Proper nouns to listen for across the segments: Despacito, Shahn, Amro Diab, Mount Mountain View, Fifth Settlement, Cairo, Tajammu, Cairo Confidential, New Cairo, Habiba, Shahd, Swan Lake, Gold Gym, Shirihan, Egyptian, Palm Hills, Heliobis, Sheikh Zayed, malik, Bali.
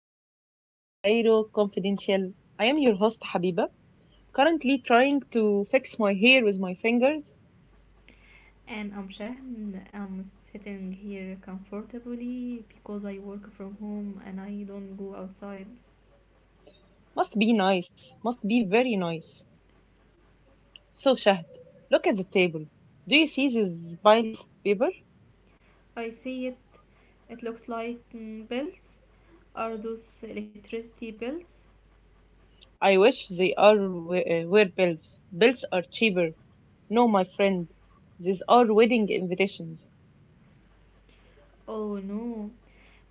welcome back to Cairo Confidential. I am your host Habiba, currently trying to fix my hair with my fingers. And I'm Shahn. I'm sitting here comfortably because I work from home and I don't go outside. Must be nice, must be very nice. So Shahd, look at the table. Do you see this pile of paper? I see it. It looks like bills. Are those electricity bills? I wish they are were bills. Bills are cheaper. No, my friend, these are wedding invitations. Oh no.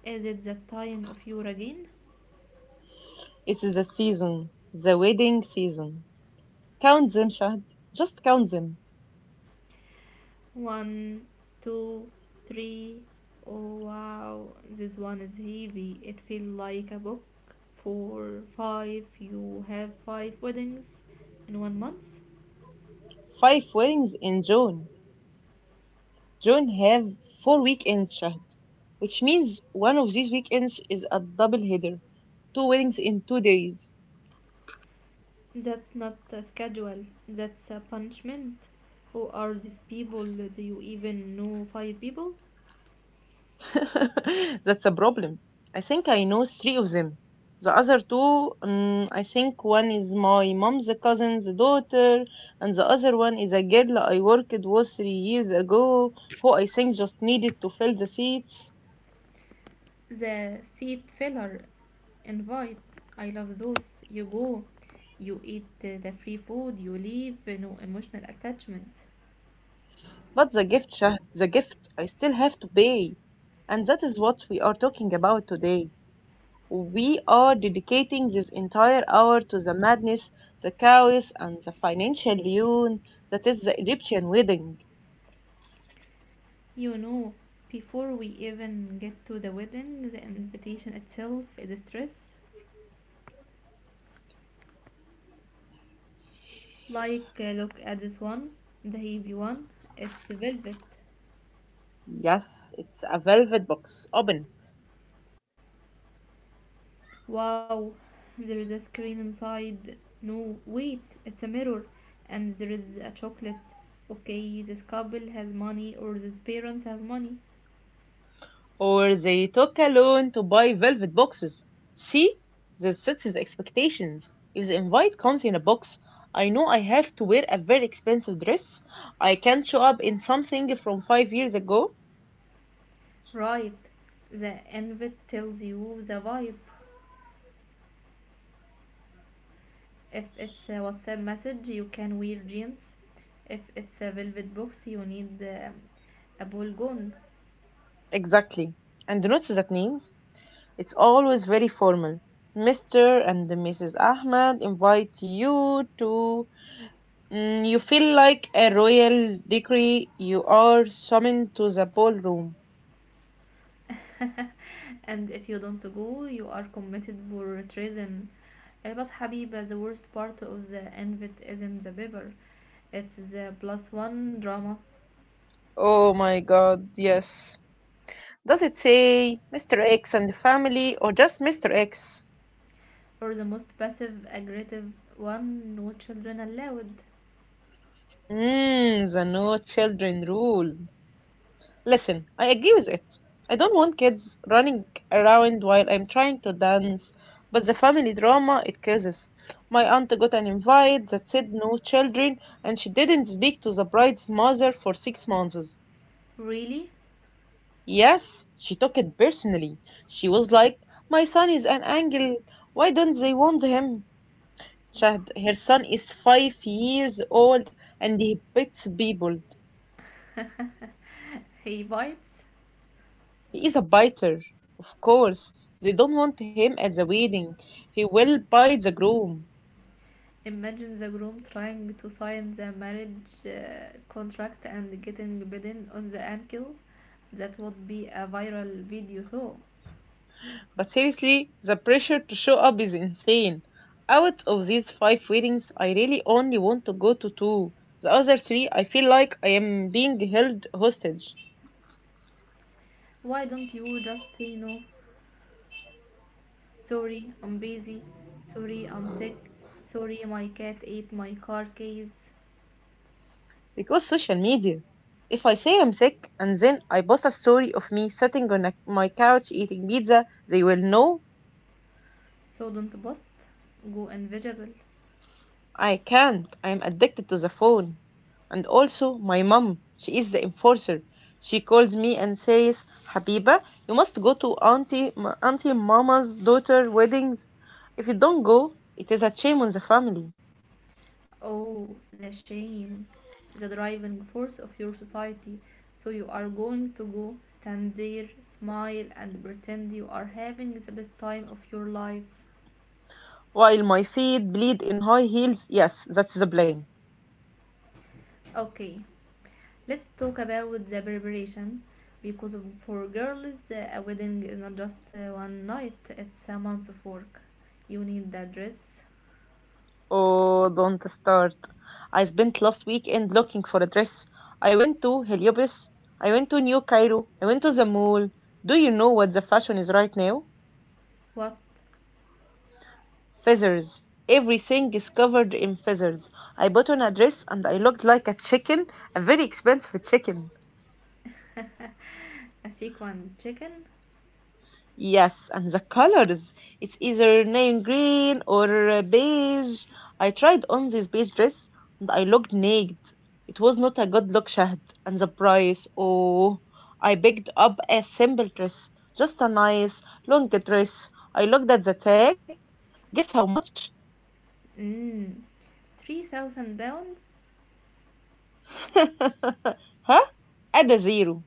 Is it that time of year again? It is the season, the wedding season. Count them, Shahd. Just count them. One, two, three. Oh wow. This one is heavy. It feels like a book. Four, five. You have five weddings in 1 month. Five weddings in June. June have four weekends, Shahd, which means one of these weekends is a double header, two weddings in 2 days. That's not a schedule, that's a punishment. Who are these people? Do you even know five people? That's a problem. I think I know three of them. The other two, I think one is my mom's cousin's daughter, and the other one is a girl I worked with 3 years ago, who I think just needed to fill the seats. The seat filler invite. I love those. You go, you eat the free food, you leave, no emotional attachment. But the gift, Shahd, the gift, I still have to pay. And that is what we are talking about today. We are dedicating this entire hour to the madness, the chaos, and the financial ruin that is the Egyptian wedding. You know, before we even get to the wedding, the invitation itself is a stress. Like, look at this one, the heavy one, it's velvet. Yes, it's a velvet box. Open. Wow, there is a screen inside. No, wait, it's a mirror, and there is a chocolate. Okay, this couple has money, or these parents have money. Or they took a loan to buy velvet boxes. See? This sets the expectations. If the invite comes in a box, I know I have to wear a very expensive dress. I can't show up in something from 5 years ago. Right, the invite tells you the vibe. If it's a WhatsApp message, you can wear jeans. If it's a velvet box, you need a ball gown. Exactly. And notice that name. It's always very formal. Mr. and Mrs. Ahmed invite you to. Mm, you feel like a royal decree. You are summoned to the ballroom. And if you don't go, you are committed for treason. But Habiba, the worst part of the invite isn't the bibber, it's the plus one drama, Oh my god, yes. Does it say Mr. X and family or just Mr. X? or the most passive aggressive one, no children allowed. Mmm, the no children rule. Listen, I agree with it. I don't want kids running around while I'm trying to dance, but the family drama it causes. My aunt got an invite that said no children, and she didn't speak to the bride's mother for 6 months. Really? Yes, she took it personally. She was like, my son is an angel. Why don't they want him? Chad, her son is 5 years old and he beats people. He bites. He is a biter. Of course, they don't want him at the wedding. He will bite the groom. Imagine the groom trying to sign the marriage contract and getting bitten on the ankle. That would be a viral video, though. But seriously, the pressure to show up is insane. Out of these five weddings, I really only want to go to two. The other three, I feel like I am being held hostage Why don't you just say no? Sorry, I'm busy. Sorry, I'm sick. Sorry, my cat ate my car keys. because social media. If I say I'm sick and then I post a story of me sitting on my couch eating pizza, they will know. So don't bust. Go invisible. I can't. I'm addicted to the phone. And also, my mum, she is the enforcer. She calls me and says, Habiba, you must go to Auntie Mama's daughter weddings. If you don't go, it is a shame on the family. Oh, the shame. The driving force of your society. So you are going to go stand there, smile, and pretend you are having the best time of your life. While my feet bleed in high heels, yes, that's the blame. Okay, let's talk about the preparation because for girls, a wedding is not just one night, it's a month of work. You need the dress, Oh, don't start. I spent last weekend looking for a dress. I went to Heliobis. I went to New Cairo. I went to the mall. Do you know what the fashion is right now? what? Feathers. Everything is covered in feathers. I bought on a dress and I looked like a chicken, a very expensive chicken. A sequin chicken? Yes, and the colors. It's either navy green or beige. I tried on this beige dress and I looked naked. It was not a good look, Shahd. And the price, oh, I picked up a simple dress, just a nice long dress. I looked at the tag. Guess how much? Mmm, 3,000 pounds? Huh? Add a zero,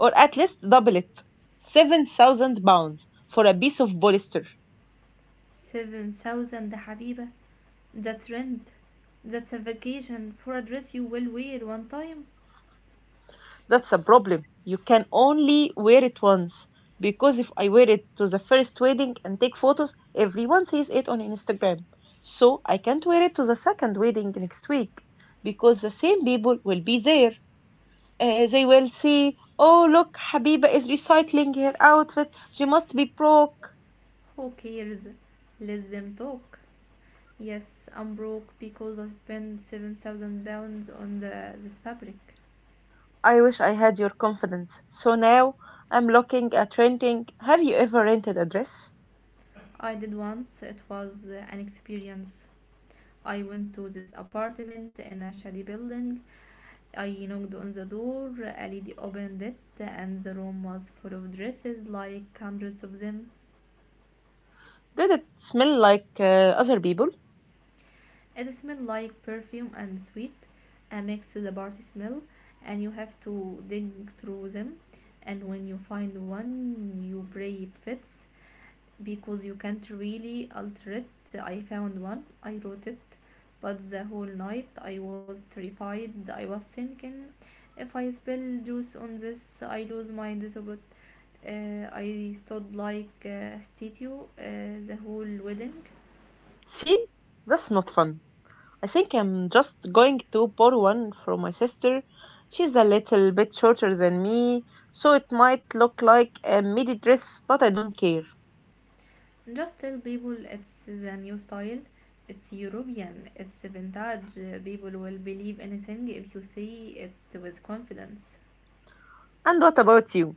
or at least double it. 7,000 pounds for a piece of polyester. 7,000 Habiba. That's rent. That's a vacation for a dress you will wear one time. That's a problem. You can only wear it once. Because if I wear it to the first wedding and take photos, everyone sees it on Instagram. So I can't wear it to the second wedding next week because the same people will be there. They will see, oh, look, Habiba is recycling her outfit. She must be broke. Who cares? Let them talk. Yes, I'm broke because I spent 7,000 pounds on this fabric. I wish I had your confidence. So now I'm looking at renting. Have you ever rented a dress? I did once, it was an experience. I went to this apartment in a shady building. I knocked on the door, a lady opened it, and the room was full of dresses, like hundreds of them. Did it smell like other people? It smelled like perfume and sweet, a mix the party smell, and you have to dig through them. And when you find one, you pray it fits because you can't really alter it. I found one, I wrote it, but the whole night I was terrified. I was thinking, if I spill juice on this, I lose my disobot. I stood like a statue the whole wedding. See? That's not fun. I think I'm just going to borrow one from my sister. She's a little bit shorter than me, so it might look like a midi dress, but I don't care. Just tell people it's the new style, it's European, it's vintage. People will believe anything if you say it with confidence. And what about you?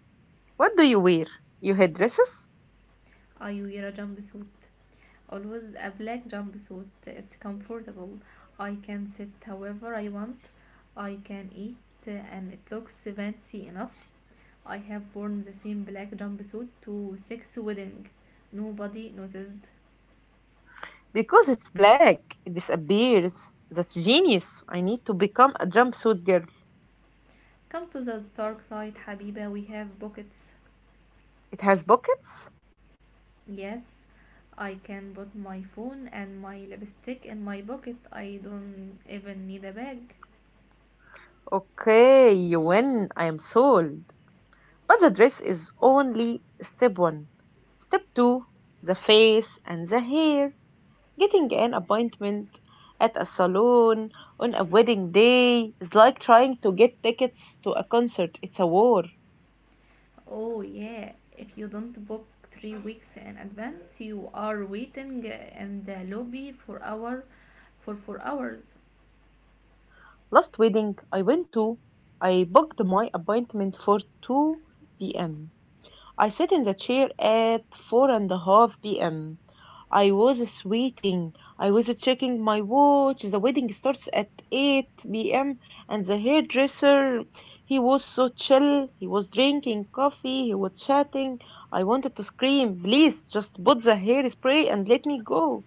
What do you wear? You hate dresses? I wear a jumpsuit. Always a black jumpsuit. It's comfortable. I can sit however I want. I can eat, and it looks fancy enough. I have worn the same black jumpsuit to 6 weddings. Nobody noticed. Because it's black, it disappears. That's genius. I need to become a jumpsuit girl. Come to the dark side, Habiba. We have pockets. It has pockets? Yes, I can put my phone and my lipstick in my pocket. I don't even need a bag. Okay, you win. I am sold. But the dress is only step one. Step two, the face and the hair. Getting an appointment at a salon on a wedding day is like trying to get tickets to a concert. It's a war. Oh yeah, if you don't book 3 weeks in advance, you are waiting in the lobby for 4 hours. Last wedding I went to, I booked my appointment for 2 p.m. I sat in the chair at 4.5 p.m. I was sweating. I was checking my watch. The wedding starts at 8 p.m. And the hairdresser, he was so chill. He was drinking coffee. He was chatting. I wanted to scream, please just put the hairspray and let me go.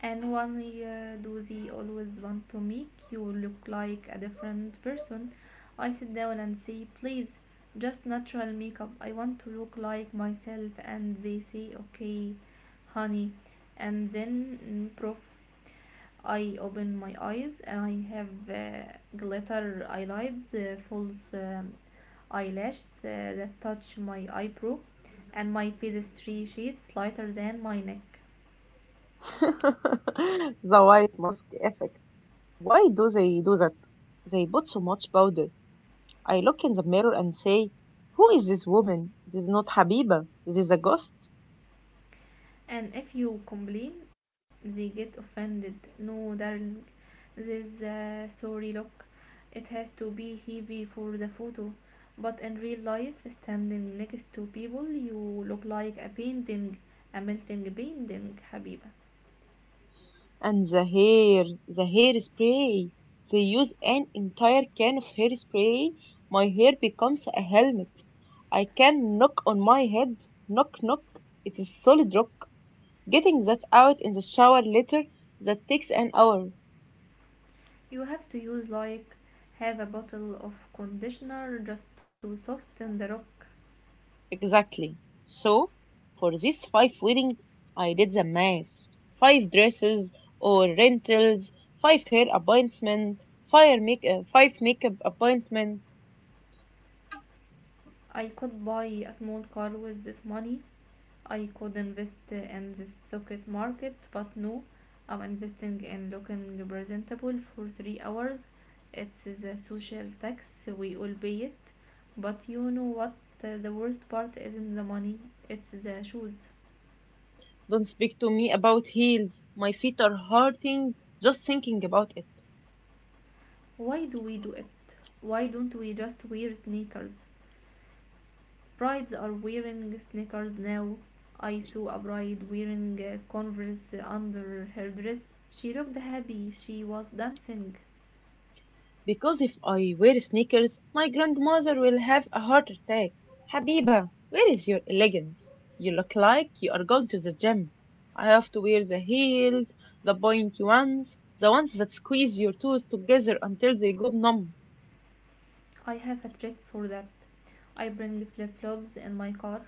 And why do they always want to make you look like a different person? I sit down and say, please, just natural makeup. I want to look like myself. And they say, okay, honey. And then proof I open my eyes and I have glitter eyelids, false eyelashes that touch my eyebrow, and my face is three shades lighter than my neck. The white mask effect. Why do they do that? They put so much powder. I look in the mirror and say, who is this woman? This is not Habiba. This is a ghost. And if you complain, they get offended. No, darling, this sorry look. It has to be heavy for the photo, but in real life, standing next to people, you look like a painting, a melting painting, Habiba. And the hair, the hairspray. They use an entire can of hairspray. My hair becomes a helmet. I can knock on my head. Knock, knock. It is solid rock. Getting that out in the shower later, that takes an hour. You have to use like half a bottle of conditioner just to soften the rock. Exactly. So, for these five weddings, I did the math. Five dresses or rentals, five hair appointments, five makeup appointments. I could buy a small car with this money. I could invest in the stock market, but no, I'm investing in looking presentable for 3 hours. It's the social tax, we all pay it. But you know what, the worst part isn't the money, it's the shoes. Don't speak to me about heels. My feet are hurting just thinking about it. Why do we do it? Why don't we just wear sneakers? Brides are wearing sneakers now. I saw a bride wearing Converse under her dress. She looked happy. She was dancing. Because if I wear sneakers, my grandmother will have a heart attack. Habiba, where is your elegance? You look like you are going to the gym. I have to wear the heels, the pointy ones, the ones that squeeze your toes together until they go numb. I have a trick for that. I bring flip-flops in my car.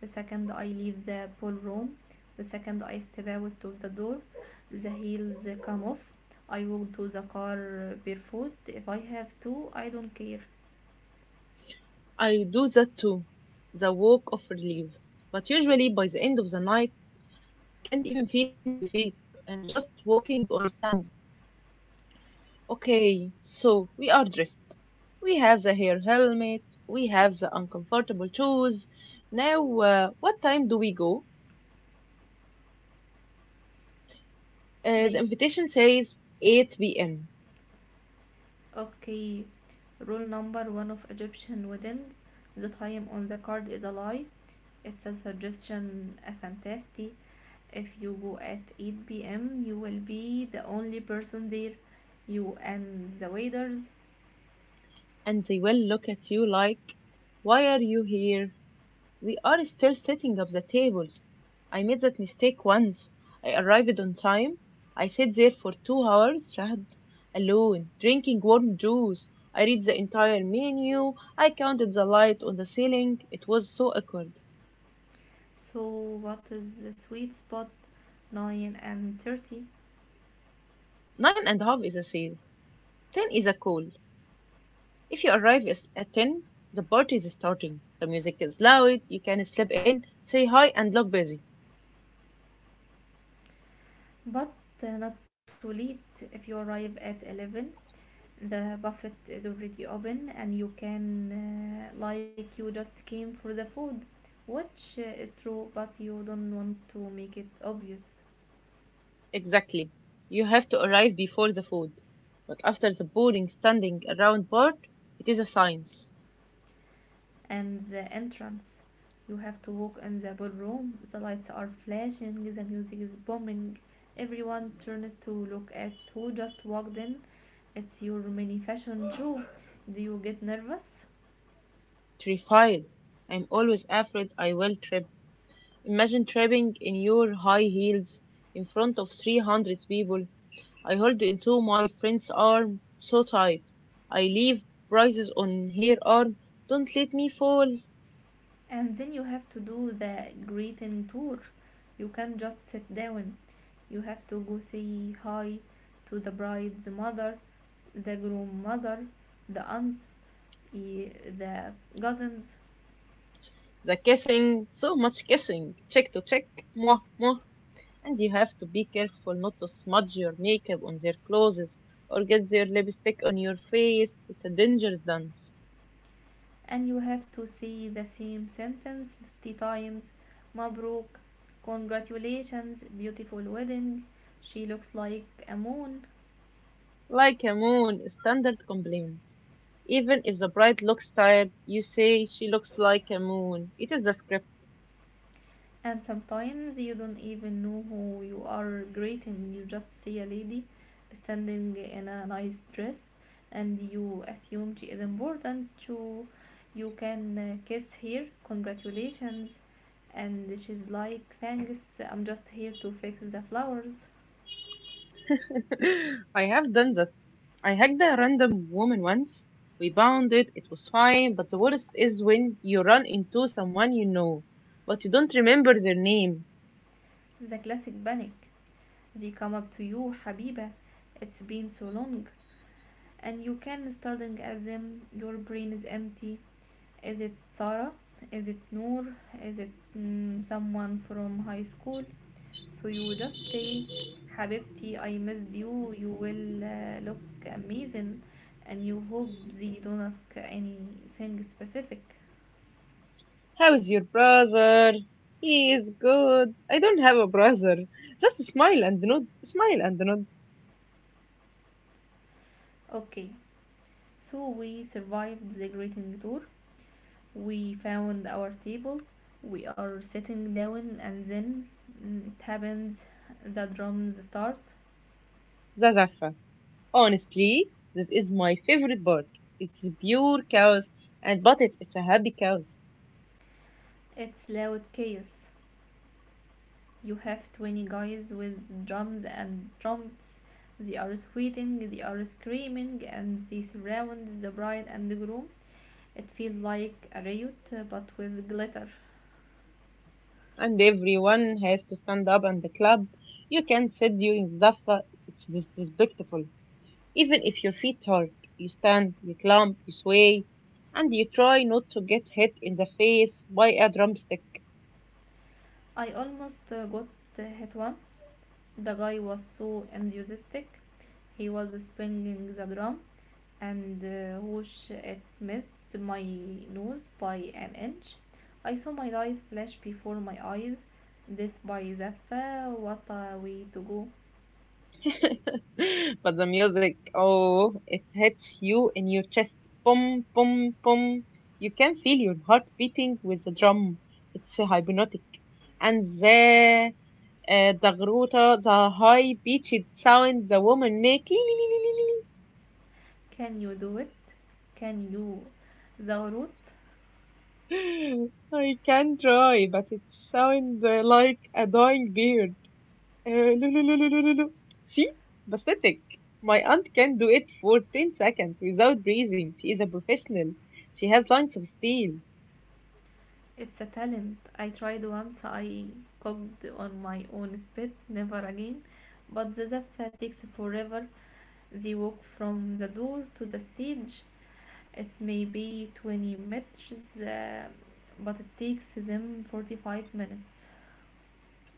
The second I leave the ballroom, the second I step out to the door, the heels come off. I walk to the car barefoot. If I have to, I don't care. I do that too, the walk of relief. But usually by the end of the night, I can't even feel my feet. I'm just walking on stamp. Okay, so we are dressed. We have the hair helmet, we have the uncomfortable shoes. Now, what time do we go? The They invitation says 8 p.m. Okay, rule number one of Egyptian wedding, the time on the card is a lie. It's a suggestion, a fantasy. If you go at 8 p.m., you will be the only person there, you and the waiters. and they will look at you like, why are you here? We are still setting up the tables. I made that mistake once. I arrived on time. I sat there for 2 hours, Shahd, alone, drinking warm juice. I read the entire menu. I counted the light on the ceiling. It was so awkward. So, what is the sweet spot? 9 and 30. Nine and a half is a save. Ten is a call. If you arrive at ten, the party is starting. The music is loud. You can slip in, say hi, and look busy. But not too late if you arrive at 11. The buffet is already open and you can, like, you just came for the food, which is true, but you don't want to make it obvious. Exactly. You have to arrive before the food. But after the boring standing around part, it is a science. And the entrance, you have to walk in the ballroom, the lights are flashing, the music is booming, everyone turns to look at who just walked in. It's your mini fashion show. Do you get nervous? Terrified. I'm always afraid I will trip. Imagine tripping in your high heels in front of 300 people. I hold into my friend's arm so tight. I leave braces on her arm. Don't let me fall. And then you have to do the greeting tour. You can't just sit down. You have to go say hi to the bride's mother, the groom mother, the aunts, eh, the cousins, The kissing, so much kissing. Check to check. Mwah, mwah. And you have to be careful not to smudge your makeup on their clothes or get their lipstick on your face. It's a dangerous dance. and you have to say the same sentence 50 times. Mabruk, congratulations, beautiful wedding. She looks like a moon. Like a moon, a standard complaint. Even if the bride looks tired, you say she looks like a moon. It is the script. And sometimes you don't even know who you are greeting. You just see a lady standing in a nice dress and you assume she is important. You can kiss her, congratulations. And she's like, thanks, I'm just here to fix the flowers. I have done that. I hugged a random woman once. We bonded. It was fine, but the worst is when you run into someone you know, but you don't remember their name. The classic panic. They come up to you, Habiba, it's been so long. And you can starting as them, your brain is empty. Is it Sarah? Is it Noor? Is it someone from high school? So you just say, habibti, I missed you, you will look amazing, and you hope they don't ask anything specific. How's your brother? He is good. I don't have a brother. Just smile and nod. Smile and nod. Okay, so we survived the greeting tour, we found our table, we are sitting down, and then it happens, the drums start. Zazafa. Honestly, this is my favorite part. It's pure chaos, and but it's a happy chaos. It's loud chaos, you have 20 guys with drums and trumpets, they are sweating, they are screaming, and they surround the bride and the groom. It feels like a riot, but with glitter. And everyone has to stand up and the club. You can sit during Zafa. It's despicable. Even if your feet hurt, you stand, you clump, you sway, and you try not to get hit in the face by a drumstick. I almost got hit once, the guy was so enthusiastic, he was swinging the drum, and whoosh, it missed my nose by an inch. I saw my life flash before my eyes. This by Zaffa, what a way to go. But the music, oh, it hits you in your chest. Boom, boom, boom. You can feel your heart beating with the drum. It's so hypnotic. And the dagruta, the high pitched sound the woman make. Can you do it? Can you? Zahrut, I can try, but it sounds like a dying bird. No, no, no, no, no, no, no. See? Pathetic. My aunt can do it for 10 seconds without breathing. She is a professional. She has lungs of steel it's a talent. I tried once, I cooked on my own spit, never again. But the Zaffa takes forever. They walk from the door to the stage. It's maybe 20 meters, but it takes them 45 minutes.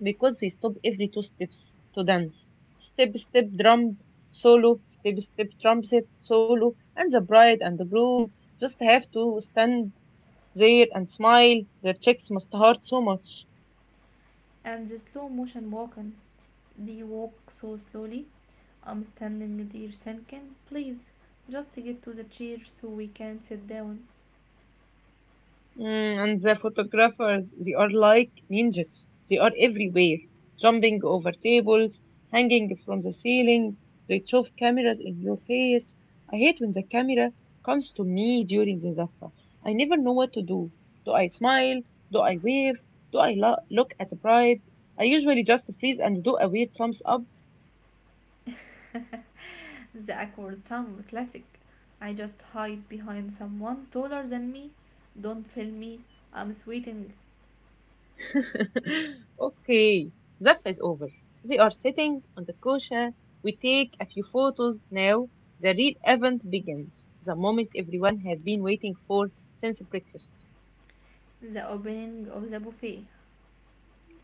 because they stop every two steps to dance. Step, step, drum, solo, step, step, trumpet, solo, and the bride and the groom just have to stand there and smile. Their cheeks must hurt so much. And the slow motion walking, they walk so slowly. I'm standing there thinking, please, just get to the chair so we can sit down. Mm, and the photographers, they are like ninjas. They are everywhere, jumping over tables, hanging from the ceiling. They shove cameras in your face. I hate when the camera comes to me during the zafa. I never know what to do. Do I smile? Do I wave? Do I look at the bride? I usually just freeze and do a weird thumbs up. The awkward thumb, classic. I just hide behind someone taller than me. Don't film me. I'm sweating. Okay, the is over. They are sitting on the kosher. We take a few photos now. The real event begins, the moment everyone has been waiting for since breakfast. The opening of the buffet.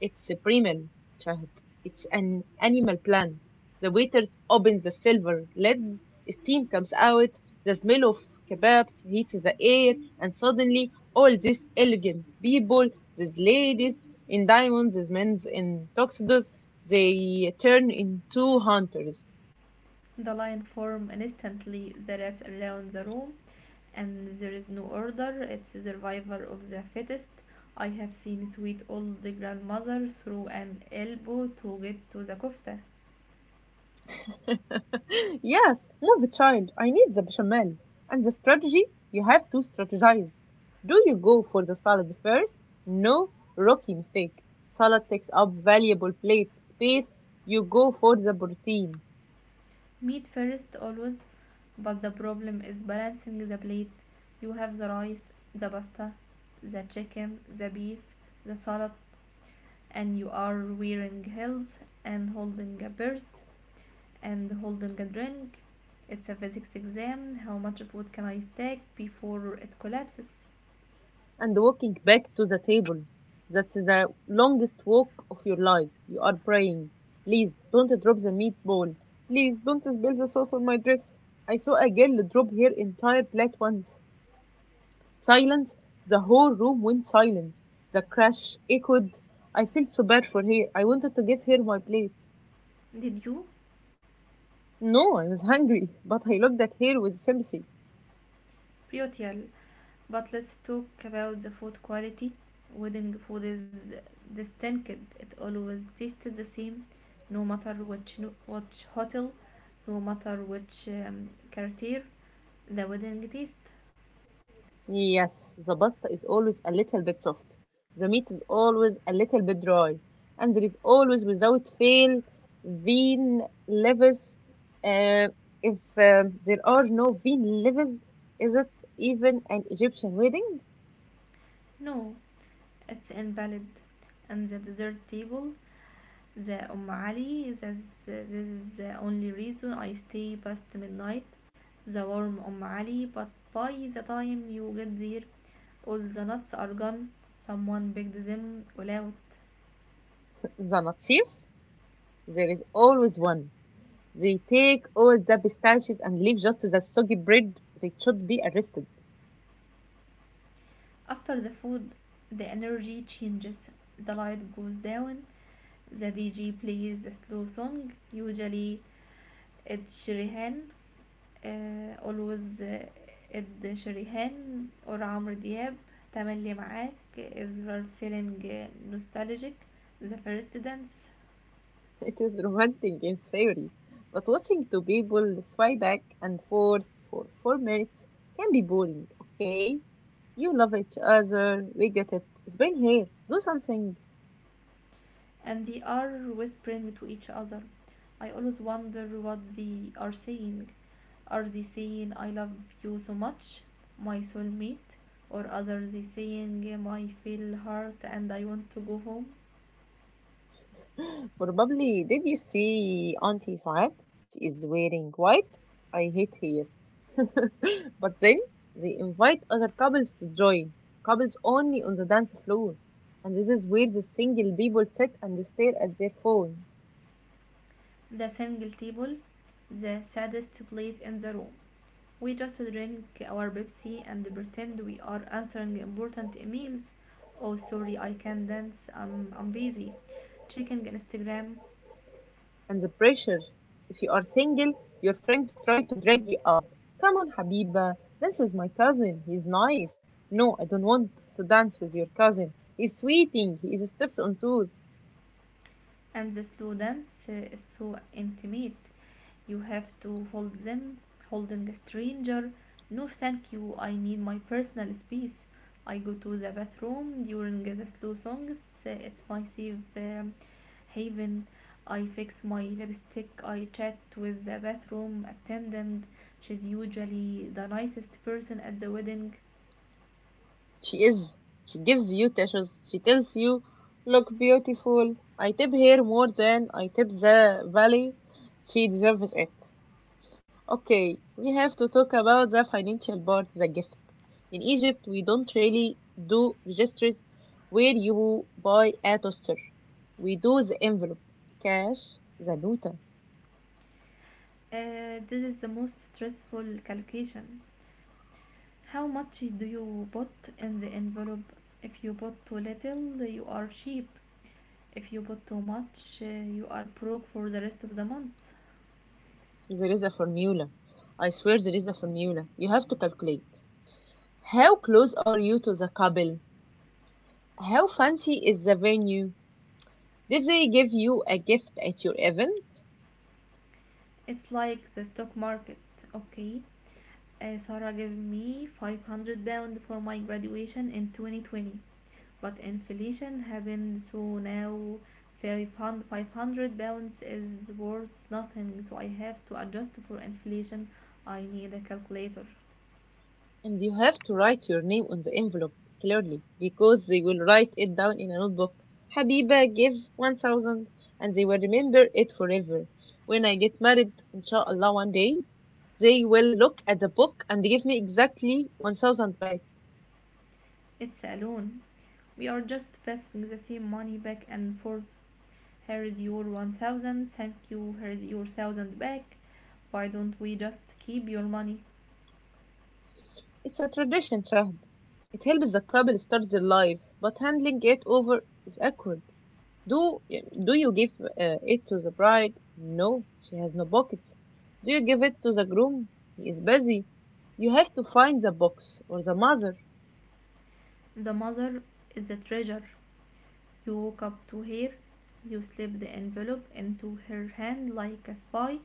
It's a primal child. It's an animal plant. The waiters open the silver lids. Steam comes out. The smell of kebabs hits the air. And suddenly, all these elegant people, these ladies in diamonds, these men in tuxedos, they turn into hunters. The line forms instantly the wraps around the room, and there is no order. It's the survivor of the fittest. I have seen sweet old grandmother throw an elbow to get to the kofta. Yes, move child. I need the bechamel. And the strategy, you have to strategize. Do you go for the salads first? No, rookie mistake. Salad takes up valuable plate space. You go for the protein. Meat first, always. But the problem is balancing the plate, you have the rice, the pasta, the chicken, the beef, the salad, and you are wearing heels and holding a purse and holding a drink. It's a physics exam, how much food can I stack before it collapses? And walking back to the table. That's the longest walk of your life. You are praying. Please don't drop the meatball. Please don't spill the sauce on my dress. I saw a girl drop her entire plate once. Silence. The whole room went silent. The crash echoed. I felt so bad for her. I wanted to give her my plate. Did you? No, I was hungry, but I looked at her with sympathy. Brutal. But let's talk about the food quality. Wedding food is distinct, it always tastes the same, no matter which which hotel, no matter which quartier, the wedding taste. Yes, the pasta is always a little bit soft. The meat is always a little bit dry. And there is always, without fail, vein levers. Uh, if there are no vein levers, is it even an Egyptian wedding? No, it's invalid. And the dessert table, the Ali, this is the only reason I stay past midnight. The warm Ali, but by the time you get there, all the nuts are gone. Someone picked them all out. The natif? There is always one. They take all the pistachios and leave just the soggy bread. They should be arrested. After the food, the energy changes. The light goes down. The DJ plays a slow song, usually it's Shirihan. آآ always آه، إد شريهان اور عمرو دياب، تملي معاك، if you are feeling آه، nostalgic، the first dance It is romantic in theory, but watching two people swipe back and forth for 4 minutes can be boring, okay? You love each other, we get it. It's been here, do something. and they are whispering to each other. I always wonder what they are saying. Are they saying, "I love you so much, my soulmate?" Or are they saying, "My feel hurt and I want to go home?" Probably, did you see Auntie Saad? She is wearing white. I hate hair. But then they invite other couples to join, couples only on the dance floor. And this is where the single people sit and stare at their phones. The single table, the saddest place in the room. We just drink our Pepsi and pretend we are answering important emails. Oh, sorry, I can't dance. I'm busy. Checking Instagram. And the pressure. If you are single, your friends try to drag you up. Come on, Habiba, dance with my cousin. He's nice. No, I don't want to dance with your cousin. He's sweating. He is steps on toes. And the slow dance is so intimate. You have to hold them, holding a stranger. No thank you, I need my personal space. I go to the bathroom during the slow songs. It's my safe haven. I fix my lipstick, I chat with the bathroom attendant. She's usually the nicest person at the wedding. She is. She gives you tissues. She tells you, look beautiful. I tip her more than I tip the valley. She deserves it. Okay, we have to talk about the financial part, the gift. In Egypt, we don't really do registers where you buy a toaster. We do the envelope, cash, the nota. This is the most stressful calculation. How much do you put in the envelope? If you put too little, you are cheap. If you put too much, you are broke for the rest of the month. There is a formula. I swear there is a formula. You have to calculate. How close are you to the couple? How fancy is the venue? Did they give you a gift at your event? It's like the stock market. Okay, Sarah gave me 500 pounds for my graduation in 2020, but inflation happened, so now 500 pounds is worth nothing, so I have to adjust for inflation. I need a calculator. And you have to write your name on the envelope clearly because they will write it down in a notebook. Habiba give 1,000 and they will remember it forever. When I get married, inshallah, one day, they will look at the book and give me exactly 1,000 back. It's a loan. We are just passing the same money back and forth. Here is your 1000, thank you, here is your 1000 back. Why don't we just keep your money? It's a tradition, Shahd. It helps the couple start their life, but handling it over is awkward. Do do you give it to the bride? No, she has no pockets. Do you give it to the groom? He is busy. You have to find the box or the mother, The mother is a treasure. You walk up to her, you slip the envelope into her hand like a spy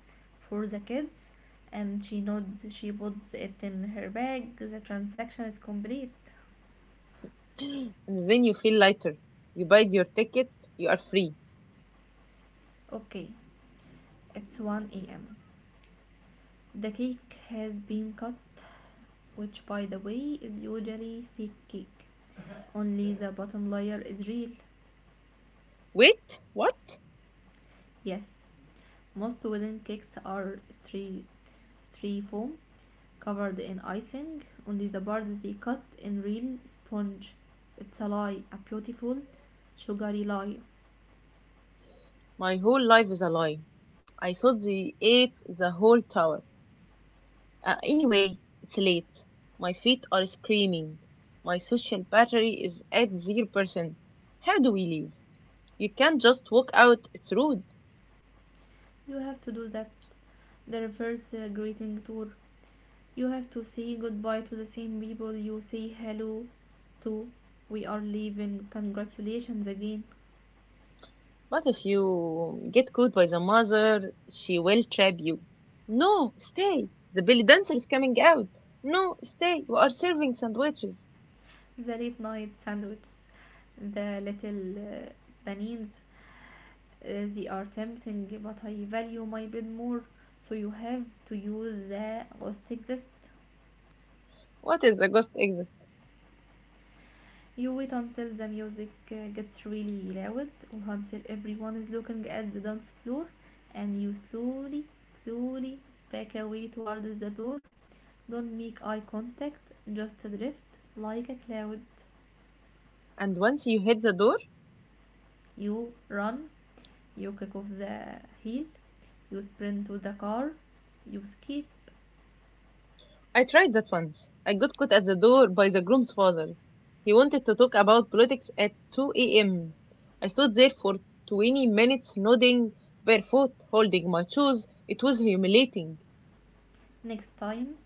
for the kids, and she nods, she puts it in her bag. The transaction is complete. and then you feel lighter. You buyed your ticket, you are free. Okay, it's 1 am. The cake has been cut, which by the way is usually fake cake. Only the bottom layer is real. Wait, what? Yes, most wooden cakes are stri- styrofoam covered in icing. Only the part they cut in real sponge. It's a lie, a beautiful, sugary lie. My whole life is a lie. I thought they ate the whole tower. Anyway, it's late. My feet are screaming. My social battery is at 0%. How do we leave? You can't just walk out, it's rude. You have to do that. The reverse greeting tour. You have to say goodbye to the same people you say hello to. We are leaving. Congratulations again. But if you get caught by the mother, she will trap you. No, stay. The belly dancer is coming out. No, stay. We are serving sandwiches. The late night sandwiches, the little panins, they are tempting, but I value my bed more. So you have to use the rustic zest. What is the ghost exit? You wait until the music gets really loud or until everyone is looking at the dance floor, and you slowly, slowly back away towards the door. Don't make eye contact, just drift like a cloud. And once you hit the door, You run, you kick off the heel, you sprint to the car, you skip. I tried that once. I got caught at the door by the groom's fathers. He wanted to talk about politics at 2 a.m. I stood there for 20 minutes, nodding, barefoot, holding my shoes. It was humiliating. Next time,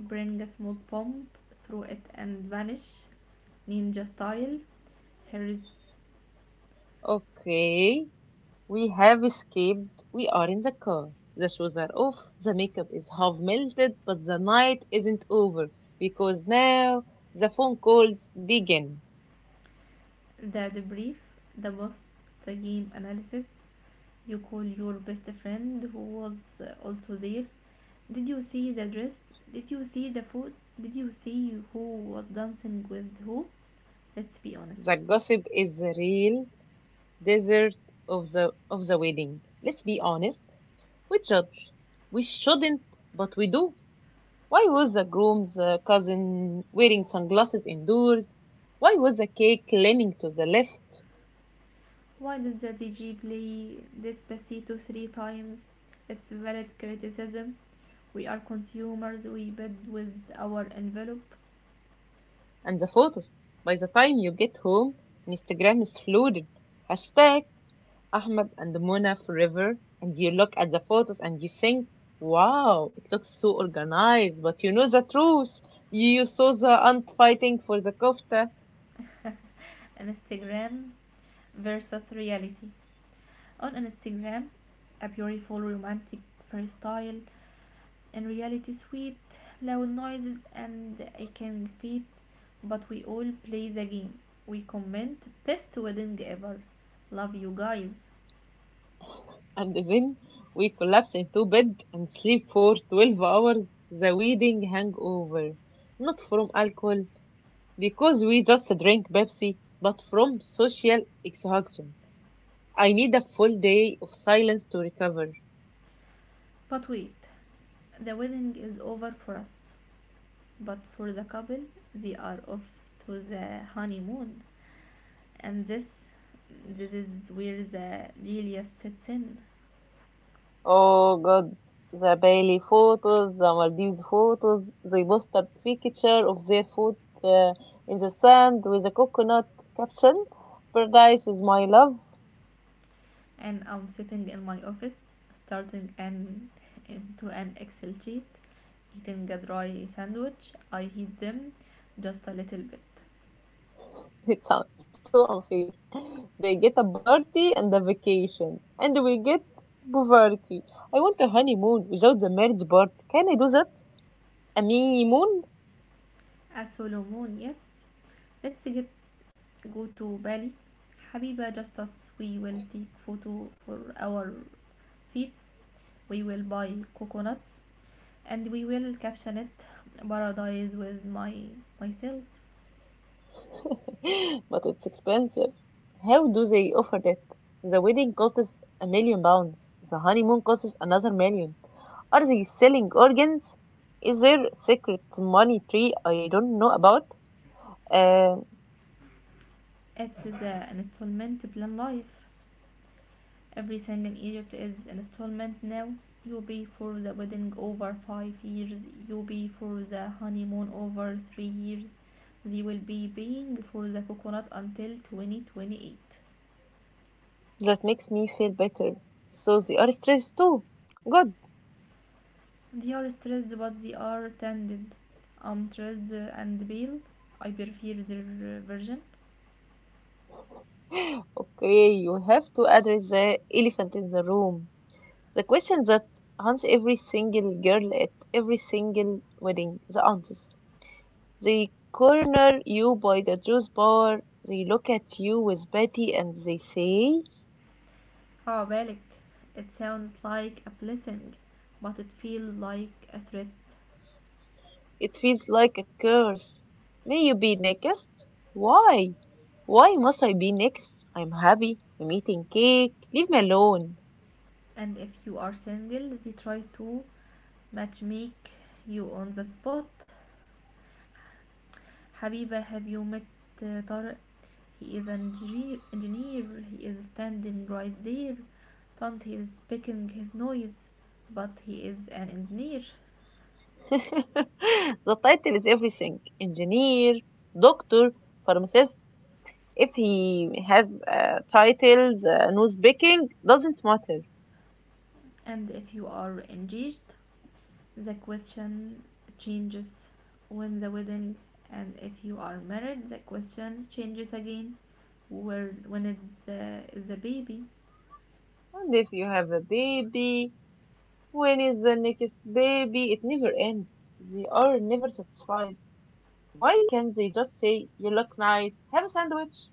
bring a small pump, throw it and vanish, ninja style. Here is Okay, we have escaped. We are in the car. The shoes are off. The makeup is half melted, but the night isn't over because now the phone calls begin. the debrief, the post game analysis. You call your best friend who was also there. Did you see the dress? Did you see the food? Did you see who was dancing with who? Let's be honest. The gossip is the real dessert of the wedding. Let's be honest. We judge. We shouldn't, but we do. Why was the groom's cousin wearing sunglasses indoors? Why was the cake leaning to the left? Why did the DJ play Despacito three times? It's valid criticism. We are consumers, we bid with our envelope. And the photos. By the time you get home, Instagram is flooded. Hashtag Ahmed and Mona forever. And you look at the photos and you think, wow, it looks so organized. But you know the truth. You saw the aunt fighting for the kofta. Instagram versus reality. On Instagram, a beautiful, romantic freestyle. In reality, sweet, loud noises and I can fit. But we all play the game. We comment, best wedding ever. Love you guys. And then we collapse into bed and sleep for 12 hours. The wedding hangover. Not from alcohol, because we just drink Pepsi, but from social exhaustion. I need a full day of silence to recover. But wait, the wedding is over for us. But for the couple, they are off to the honeymoon. And this is where the genius sets in. Oh God, the Bali photos, the Maldives photos. They post a picture of their foot uh, in the sand with a coconut caption, "Paradise with my love." And I'm sitting in my office starting an into an Excel sheet, eating a dry sandwich. I heat them just a little bit. It sounds so unfair. They get a party and a vacation, and we get poverty. I want a honeymoon without the marriage part. Can I do that? A honeymoon? A Solomon, yes. Let's get go to Bali. Habiba, just us. We will take photo for our feet. We will buy coconuts and we will caption it paradise with my myself. But it's expensive. How do they offer that? The wedding costs 1 million pounds. The honeymoon costs another million. Are they selling organs? Is there secret money tree I don't know about? Uh, It's the installment plan life. Every song in Egypt is an installment now. You pay for the wedding over 5 years. You pay for the honeymoon over 3 years. They will be paying for the coconut until 2028. that makes me feel better. So they are stressed too. Good. They are stressed, but they are tended. I'm stressed and pale. I prefer their version. Okay, you have to address the elephant in the room. The question that haunts every single girl at every single wedding, the aunties. They corner you by the juice bar, they look at you with pity and they say, Ah, بالك. It sounds like a blessing, but it feels like a threat. it feels like a curse. May you be next? Why? Why must I be next? I'm happy, I'm eating cake, leave me alone. And if you are single, they try to match make you on the spot. حبيبة, have you met طارق? He is an engineer, he is standing right there, but he is picking his noise. But he is an engineer. The title is everything: engineer, doctor, pharmacist. If he has titles, no speaking, doesn't matter. And if you are engaged, the question changes: when the wedding? And if you are married, the question changes again: where when it's the baby. And if you have a baby, when is the next baby? It never ends. They are never satisfied. Why can't they just say, you look nice, have a sandwich?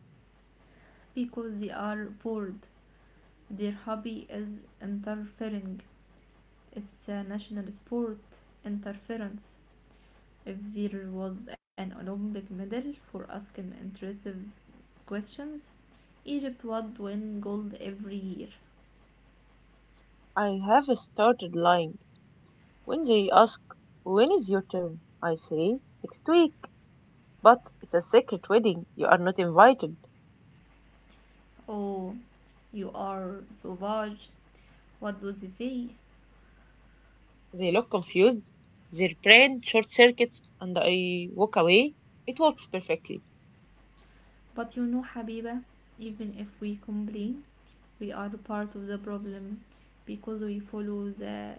Because they are bored. Their hobby is interfering. It's a national sport. Interference. If there was an Olympic medal for asking intrusive questions, Egypt would win gold every year. I have started lying. When they ask, when is your turn? I say, next week. But it's a secret wedding. You are not invited. Oh, you are sauvage. What do they say? They look confused. Their brain short circuits, and I walk away. It works perfectly. But you know, Habiba, even if we complain, we are part of the problem, because we follow the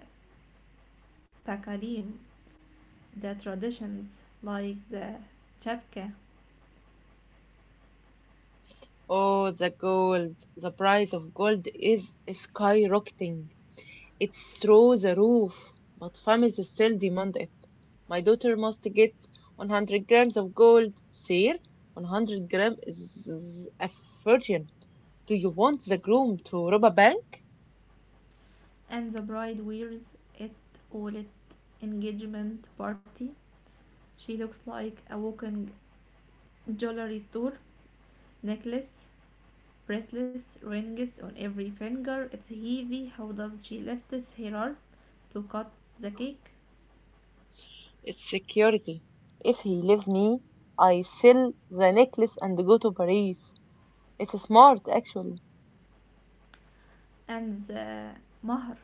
takalim, the traditions, like the chapka. Oh, the gold. The price of gold is skyrocketing. It's through the roof, but families still demand it. My daughter must get 100 grams of gold. Sir, 100 gram is a fortune. Do you want the groom to rob a bank? And the bride wears it all at engagement party. She looks like a walking jewelry store. Necklace, bracelets, rings on every finger. It's heavy. How does she lift her arm to cut the cake? It's security. If he leaves me, I sell the necklace and go to Paris. It's smart, actually. And the mahr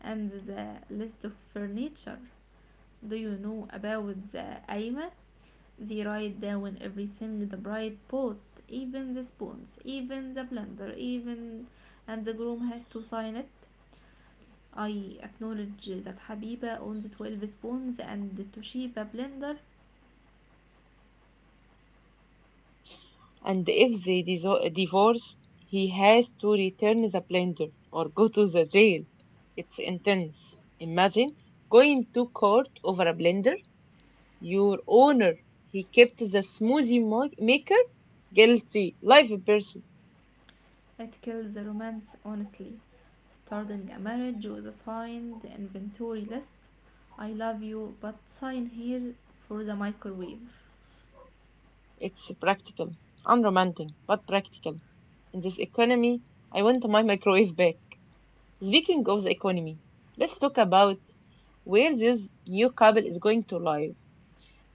and the list of furniture, do you know about the aima? They write down everything the bride bought, even the spoons, even the blender, even — and the groom has to sign it. I acknowledge that Habiba owns 12 spoons and the Toshiba blender. And if they divorce, he has to return the blender or go to the jail. It's intense. Imagine going to court over a blender. Your owner, he kept the smoothie maker guilty, Life person. It kills the romance, honestly. Starting a marriage with a signed inventory list. I love you, but sign here for the microwave. It's practical, unromantic, but practical. In this economy, I want my microwave back. Speaking of the economy, let's talk about where this new couple is going to live.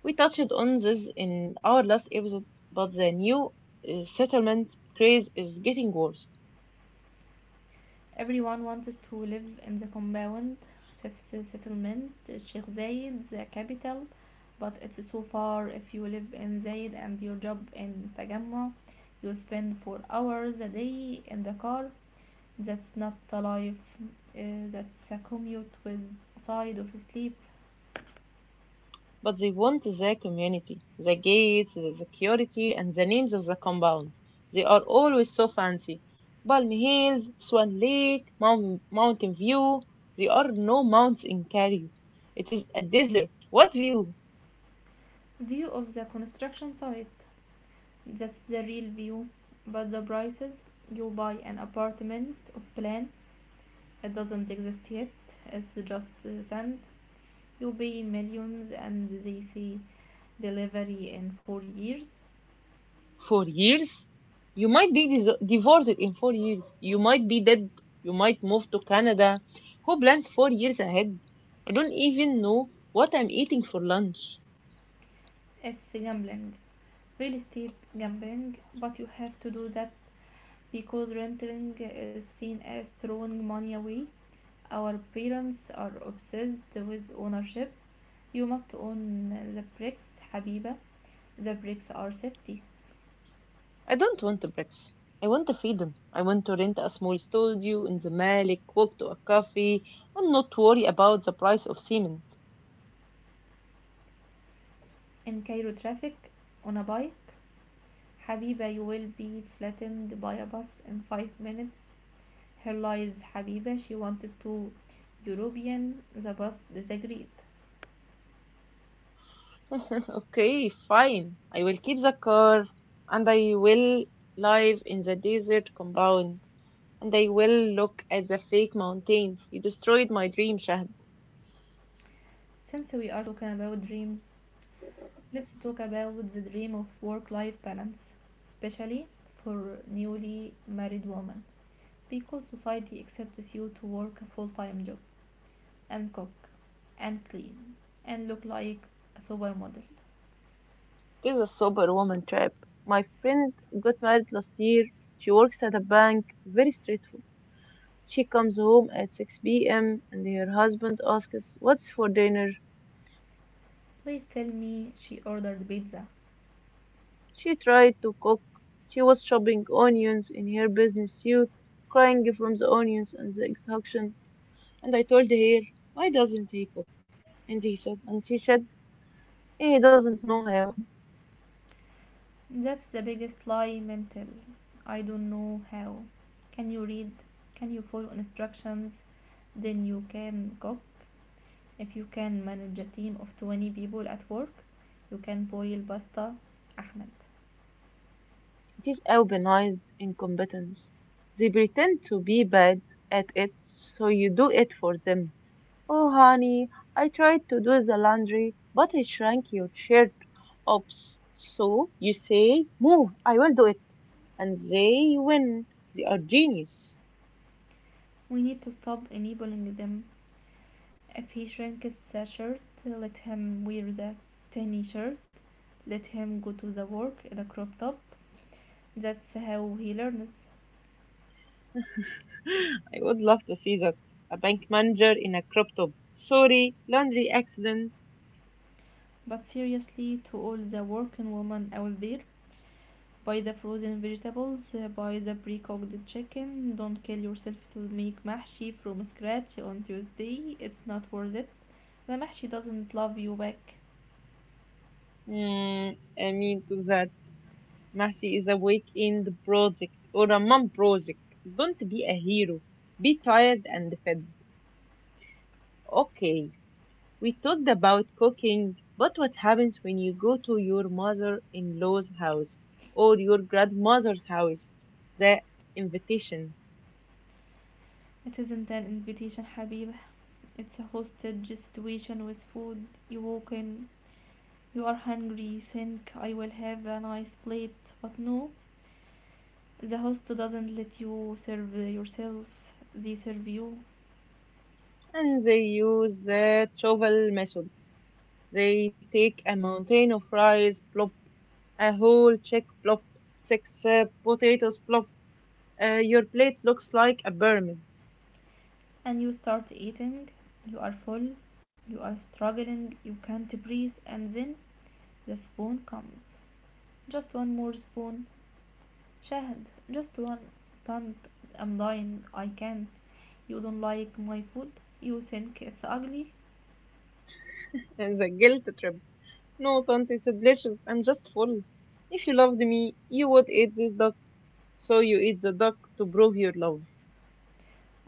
We touched on this in our last episode, but the new settlement craze is getting worse. Everyone wants to live in the compound, fifth settlement, Sheikh Zayed, the capital, but it's so far. If you live in Zayed and your job in Tajammu, you spend 4 hours a day in the car. That's not the life, uh, that's a commute with side of sleep. But they want the community, the gates, the security, and the names of the compound. They are always so fancy. Palm Hills, Swan Lake, Mountain View. There are no mountains in Cairo. It is a desert. What view? View of the construction site, that's the real view. But the prices, you buy an apartment of plan. It doesn't exist yet. It's just sand. You pay millions and they say delivery in 4 years. 4 years, you might be divorced in 4 years, you might be dead, you might move to Canada. Who plans 4 years ahead? I don't even know what I'm eating for lunch. It's gambling, real estate gambling, but you have to do that because renting is seen as throwing money away. Our parents are obsessed with ownership. You must own the bricks, Habiba. The bricks are safety. I don't want the bricks. I want the freedom. I want to rent a small studio in the malik, walk to a cafe, and not worry about the price of cement. In Cairo traffic, on a bike, Habiba, you will be flattened by a bus in 5 minutes. Here lies Habiba, she wanted to European the bus Disagreed. Okay, fine, I will keep the car, and I will live in the desert compound, and they will look at the fake mountains. You destroyed my dream, Shahd. Since we are talking about dreams, let's talk about the dream of work life balance, especially for newly married women, because society accepts you to work a full time job and cook and clean and look like a supermodel. This is a superwoman trap. My friend got married last year. She works at a bank, very straightforward. She comes home at 6 p.m. and her husband asks, what's for dinner? Please tell me she ordered pizza. She tried to cook. She was chopping onions in her business suit, crying from the onions and the exhaustion. And I told her, why doesn't he cook? And he said, and she said, he doesn't know how. That's the biggest lie mental. I don't know how. Can you read? Can you follow instructions? Then you can cook. If you can manage a team of 20 people at work, you can boil pasta. Ahmed. It is albinised incompetence. They pretend to be bad at it, so you do it for them. Oh, honey, I tried to do the laundry, but I shrank your shirt. Oops. So you say, move, I will do it. And they win. They are genius. We need to stop enabling them. If he shrinks the shirt, let him wear the tiny shirt. Let him go to the work in a crop top. That's how he learns. I would love to see that. A bank manager in a crop top. Sorry, laundry accident. But seriously, to all the working women out there, buy the frozen vegetables, buy the pre-cooked chicken. Don't kill yourself to make mahshi from scratch on Tuesday. It's not worth it. The mahshi doesn't love you back. Mm, I mean to that. Mashi is a weekend project or a mom project. Don't be a hero. Be tired and fed. Okay, we talked about cooking, but what happens when you go to your mother in law's house or your grandmother's house? The invitation. It isn't an invitation, حبيبة. It's a hostage situation with food. You walk in, you are hungry, you think I will have a nice plate, but no. The host doesn't let you serve yourself, they serve you. And they use the shovel method. They take a mountain of rice, plop, a whole check, plop, six potatoes, plop. Your plate looks like a pyramid. And you start eating, you are full, you are struggling, you can't breathe, and then the spoon comes. Just one more spoon. Shahad, just one. Don't, I'm dying, I can't. You don't like my food, you think it's ugly. And the guilt trip. No, Tante, it's delicious. I'm just full. If you loved me, you would eat this duck. So you eat the duck to prove your love.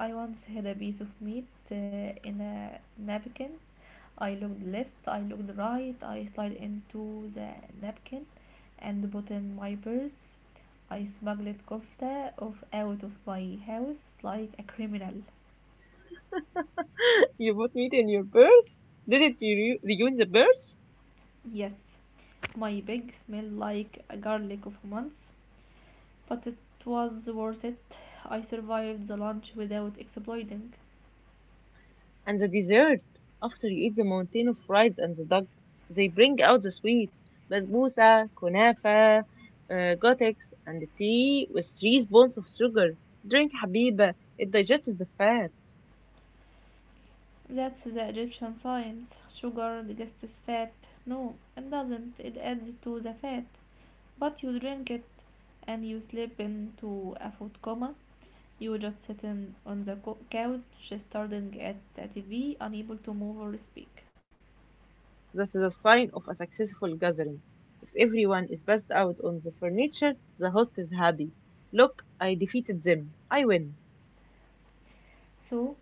I once had a piece of meat in a napkin. I looked left, I looked right, I slid into the napkin and put in my purse. I smuggled kofta off out of my house like a criminal. You put meat in your purse? Didn't you reunion the purse? Yes, my bag smelled like a garlic of months, but it was worth it. I survived the lunch without exploding. And the dessert. After you eat the mountain of fries and the duck, they bring out the sweets. Basbousa, kunafa, gotex, and tea with three spoons of sugar. Drink, Habiba. It digests the fat. That's the Egyptian science. Sugar digests fat. No, it doesn't. It adds to the fat. But you drink it and you slip into a food coma. You just sitting on the couch, staring at the TV, unable to move or speak. That is a sign of a successful gathering. If everyone is passed out on the furniture, the host is happy. Look, I defeated them. I win. So,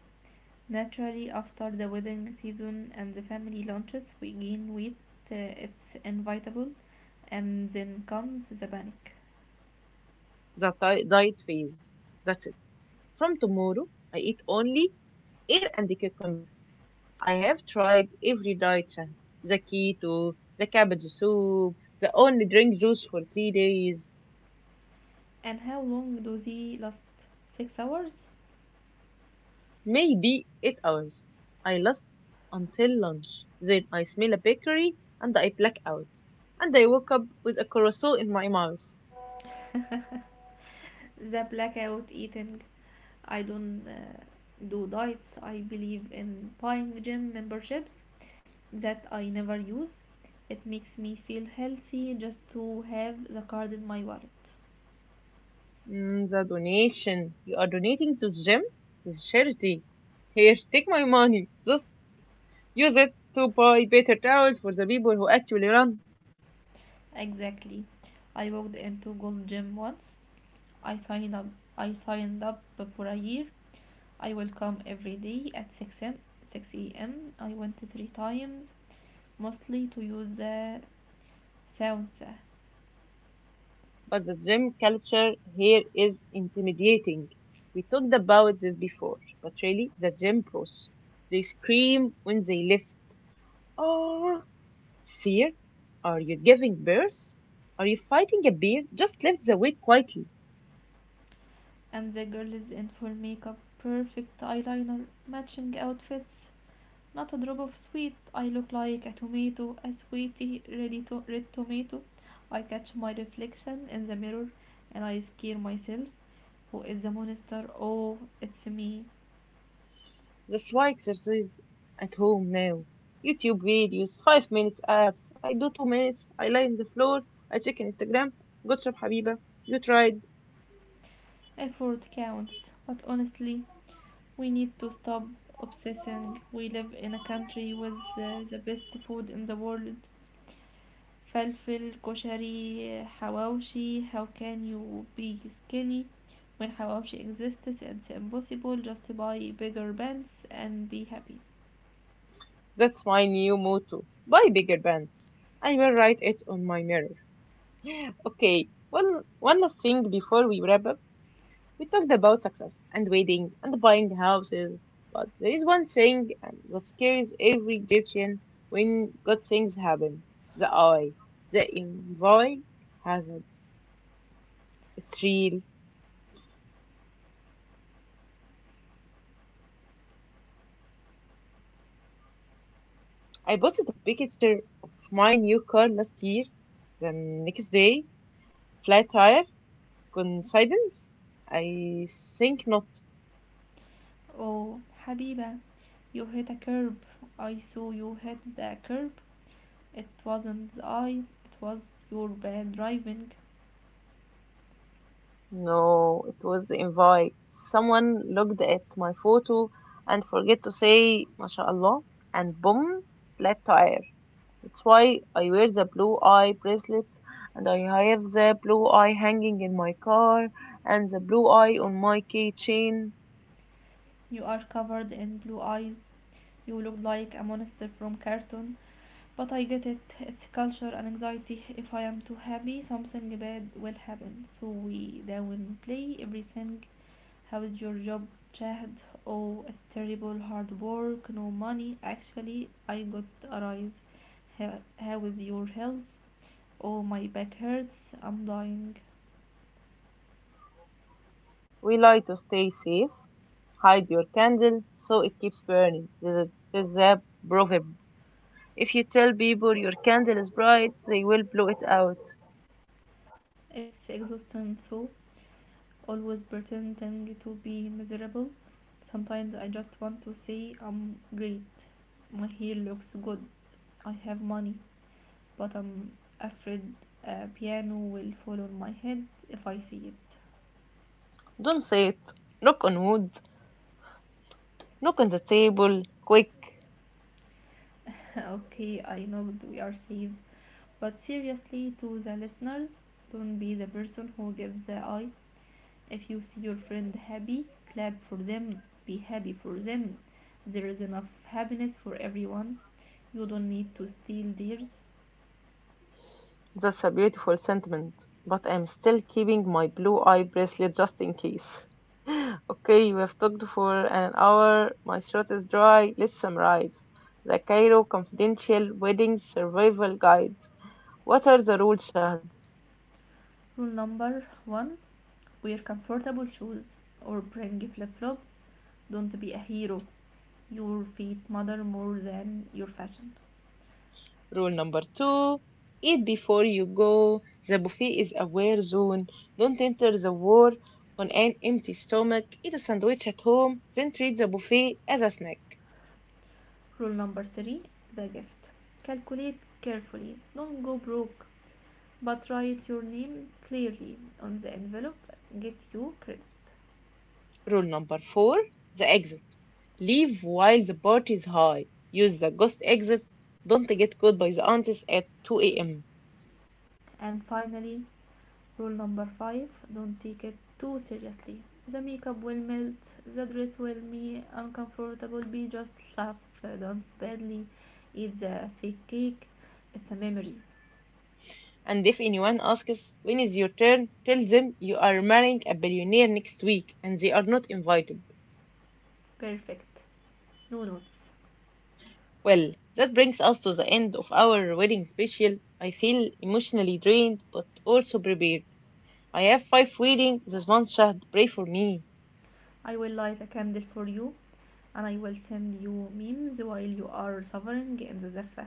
naturally, after the wedding season and the family lunches, we gain weight. It's inevitable. And then comes the panic. The diet phase. That's it. From tomorrow, I eat only air and cucumber. I have tried every diet chant. The keto, the cabbage soup, the only drink juice for 3 days. And how long do they last? 6 hours? Maybe 8 hours. I last until lunch. Then I smell a bakery and I black out. And I woke up with a carousel in my mouth. The blackout eating. I don't do diets. I believe in buying gym memberships that I never use. It makes me feel healthy just to have the card in my wallet. Mm, the donation. You are donating to the gym? This charity. Here, take my money. Just use it to buy better towels for the people who actually run. Exactly. I walked into gold gym once. i signed up I signed up for a year. I will come every day at 6 a.m. 6 a.m. I went three times, mostly to use the sauna. But the gym culture here is intimidating. We talked about this before, but really, the gym pros. They scream when they lift. Oh, Fear? Are you giving birth? Are you fighting a bear? Just lift the weight quietly. And the girl is in full makeup, perfect eyeliner, matching outfits. Not a drop of sweet. I look like a tomato, a sweetie, ready to red tomato. I catch my reflection in the mirror and I scare myself. Who is the monster? Oh, it's me. That's why exercise at home now. YouTube videos, 5 minutes apps. I do 2 minutes. I lie on the floor. I check on Instagram. Good job, Habiba. You tried. Effort counts. But honestly, we need to stop obsessing. We live in a country with the best food in the world. فلفل كشري حواوشي. How can you be skinny when حواوشي exists? It's impossible. Just buy bigger pants and be happy. That's my new motto. Buy bigger bands. I will write it on my mirror. Okay, one last thing before we wrap up. We talked about success and wedding and buying houses, but there is one thing that scares every Egyptian when good things happen. The eye. The envoy hazard. It's real. I posted a picture of my new car last year. The next day, flat tire, coincidence? I think not. Oh حبيبة, you hit a curb. I saw you hit the curb. It wasn't I. It was your bad driving. No, it was invite. Someone looked at my photo and forget to say mashallah and boom, flat tire. That's why I wear the blue eye bracelet and I have the blue eye hanging in my car and the blue eye on my keychain. You are covered in blue eyes. You look like a monster from cartoon. But I get it. It's culture and anxiety. If I am too happy, something bad will happen. So we down play everything. How is your job, Chad? Oh, it's terrible. Hard work, no money. Actually, I got a rise. How is your health? Oh, my back hurts. I'm dying. We like to stay safe, hide your candle so it keeps burning. This is a proverb. If you tell people your candle is bright, they will blow it out. It's exhausting. So always pretending to be miserable. Sometimes I just want to say I'm great, my hair looks good, I have money, but I'm afraid a piano will fall on my head if I see it. Don't say it. Knock on wood. Look on the table, quick. Okay, I know we are safe, but seriously, to the listeners, don't be the person who gives the eye. If you see your friend happy, clap for them, be happy for them. There is enough happiness for everyone. You don't need to steal theirs. That's a beautiful sentiment, but I'm still keeping my blue eye bracelet just in case. Okay, we have talked for an hour. My throat is dry. Let's summarize. The Cairo Confidential Wedding Survival Guide. What are the rules, Shahd? Rule number one, wear comfortable shoes or bring flip flops. Don't be a hero. Your feet matter more than your fashion. Rule number two, eat before you go. The buffet is a war zone. Don't enter the war on an empty stomach. Eat a sandwich at home, then treat the buffet as a snack. Rule number three, the gift. Calculate carefully. Don't go broke, but write your name clearly on the envelope. Get you credit. Rule number four, the exit. Leave while the party is high. Use the ghost exit. Don't get caught by the aunties at 2 a.m. And finally, rule number five, don't take it too seriously. The makeup will melt, the dress will be uncomfortable, be just laugh, don't badly, eat the fake cake. It's a memory. And if anyone asks, when is your turn? Tell them you are marrying a billionaire next week and they are not invited. Perfect. No notes. Well, that brings us to the end of our wedding special. I feel emotionally drained but also prepared. I have 5 weddings this month, Shahd. Pray for me. I will light a candle for you and I will send you memes while you are suffering in the Zaffa.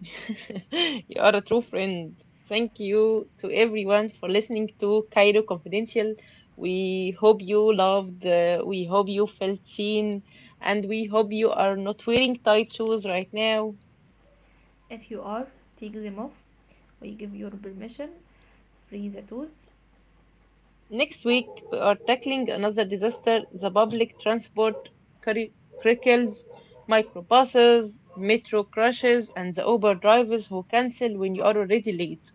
You are a true friend. Thank you to everyone for listening to Cairo Confidential. We hope you loved, we hope you felt seen, and we hope you are not wearing tight shoes right now. If you are, take them off. We give your permission. Free the toes. Next week, we are tackling another disaster the public transport curri- crickles, microbuses, metro crashes, and the Uber drivers who cancel when you are already late.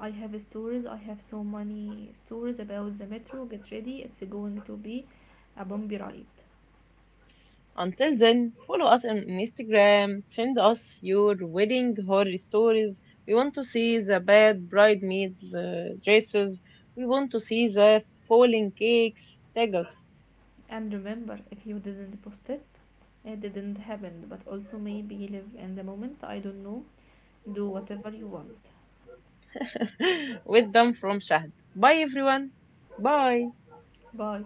I have stories. I have so many stories about the metro. Get ready, it's going to be a bumpy ride. Until then, follow us on Instagram, send us your wedding horror stories. We want to see the bad bridesmaids' dresses, we want to see the falling cakes. Tag us. And remember, if you didn't post it, it didn't happen. But also maybe live in the moment. I don't know. Do whatever you want. With them from Shahd. Bye, everyone. Bye. Bye.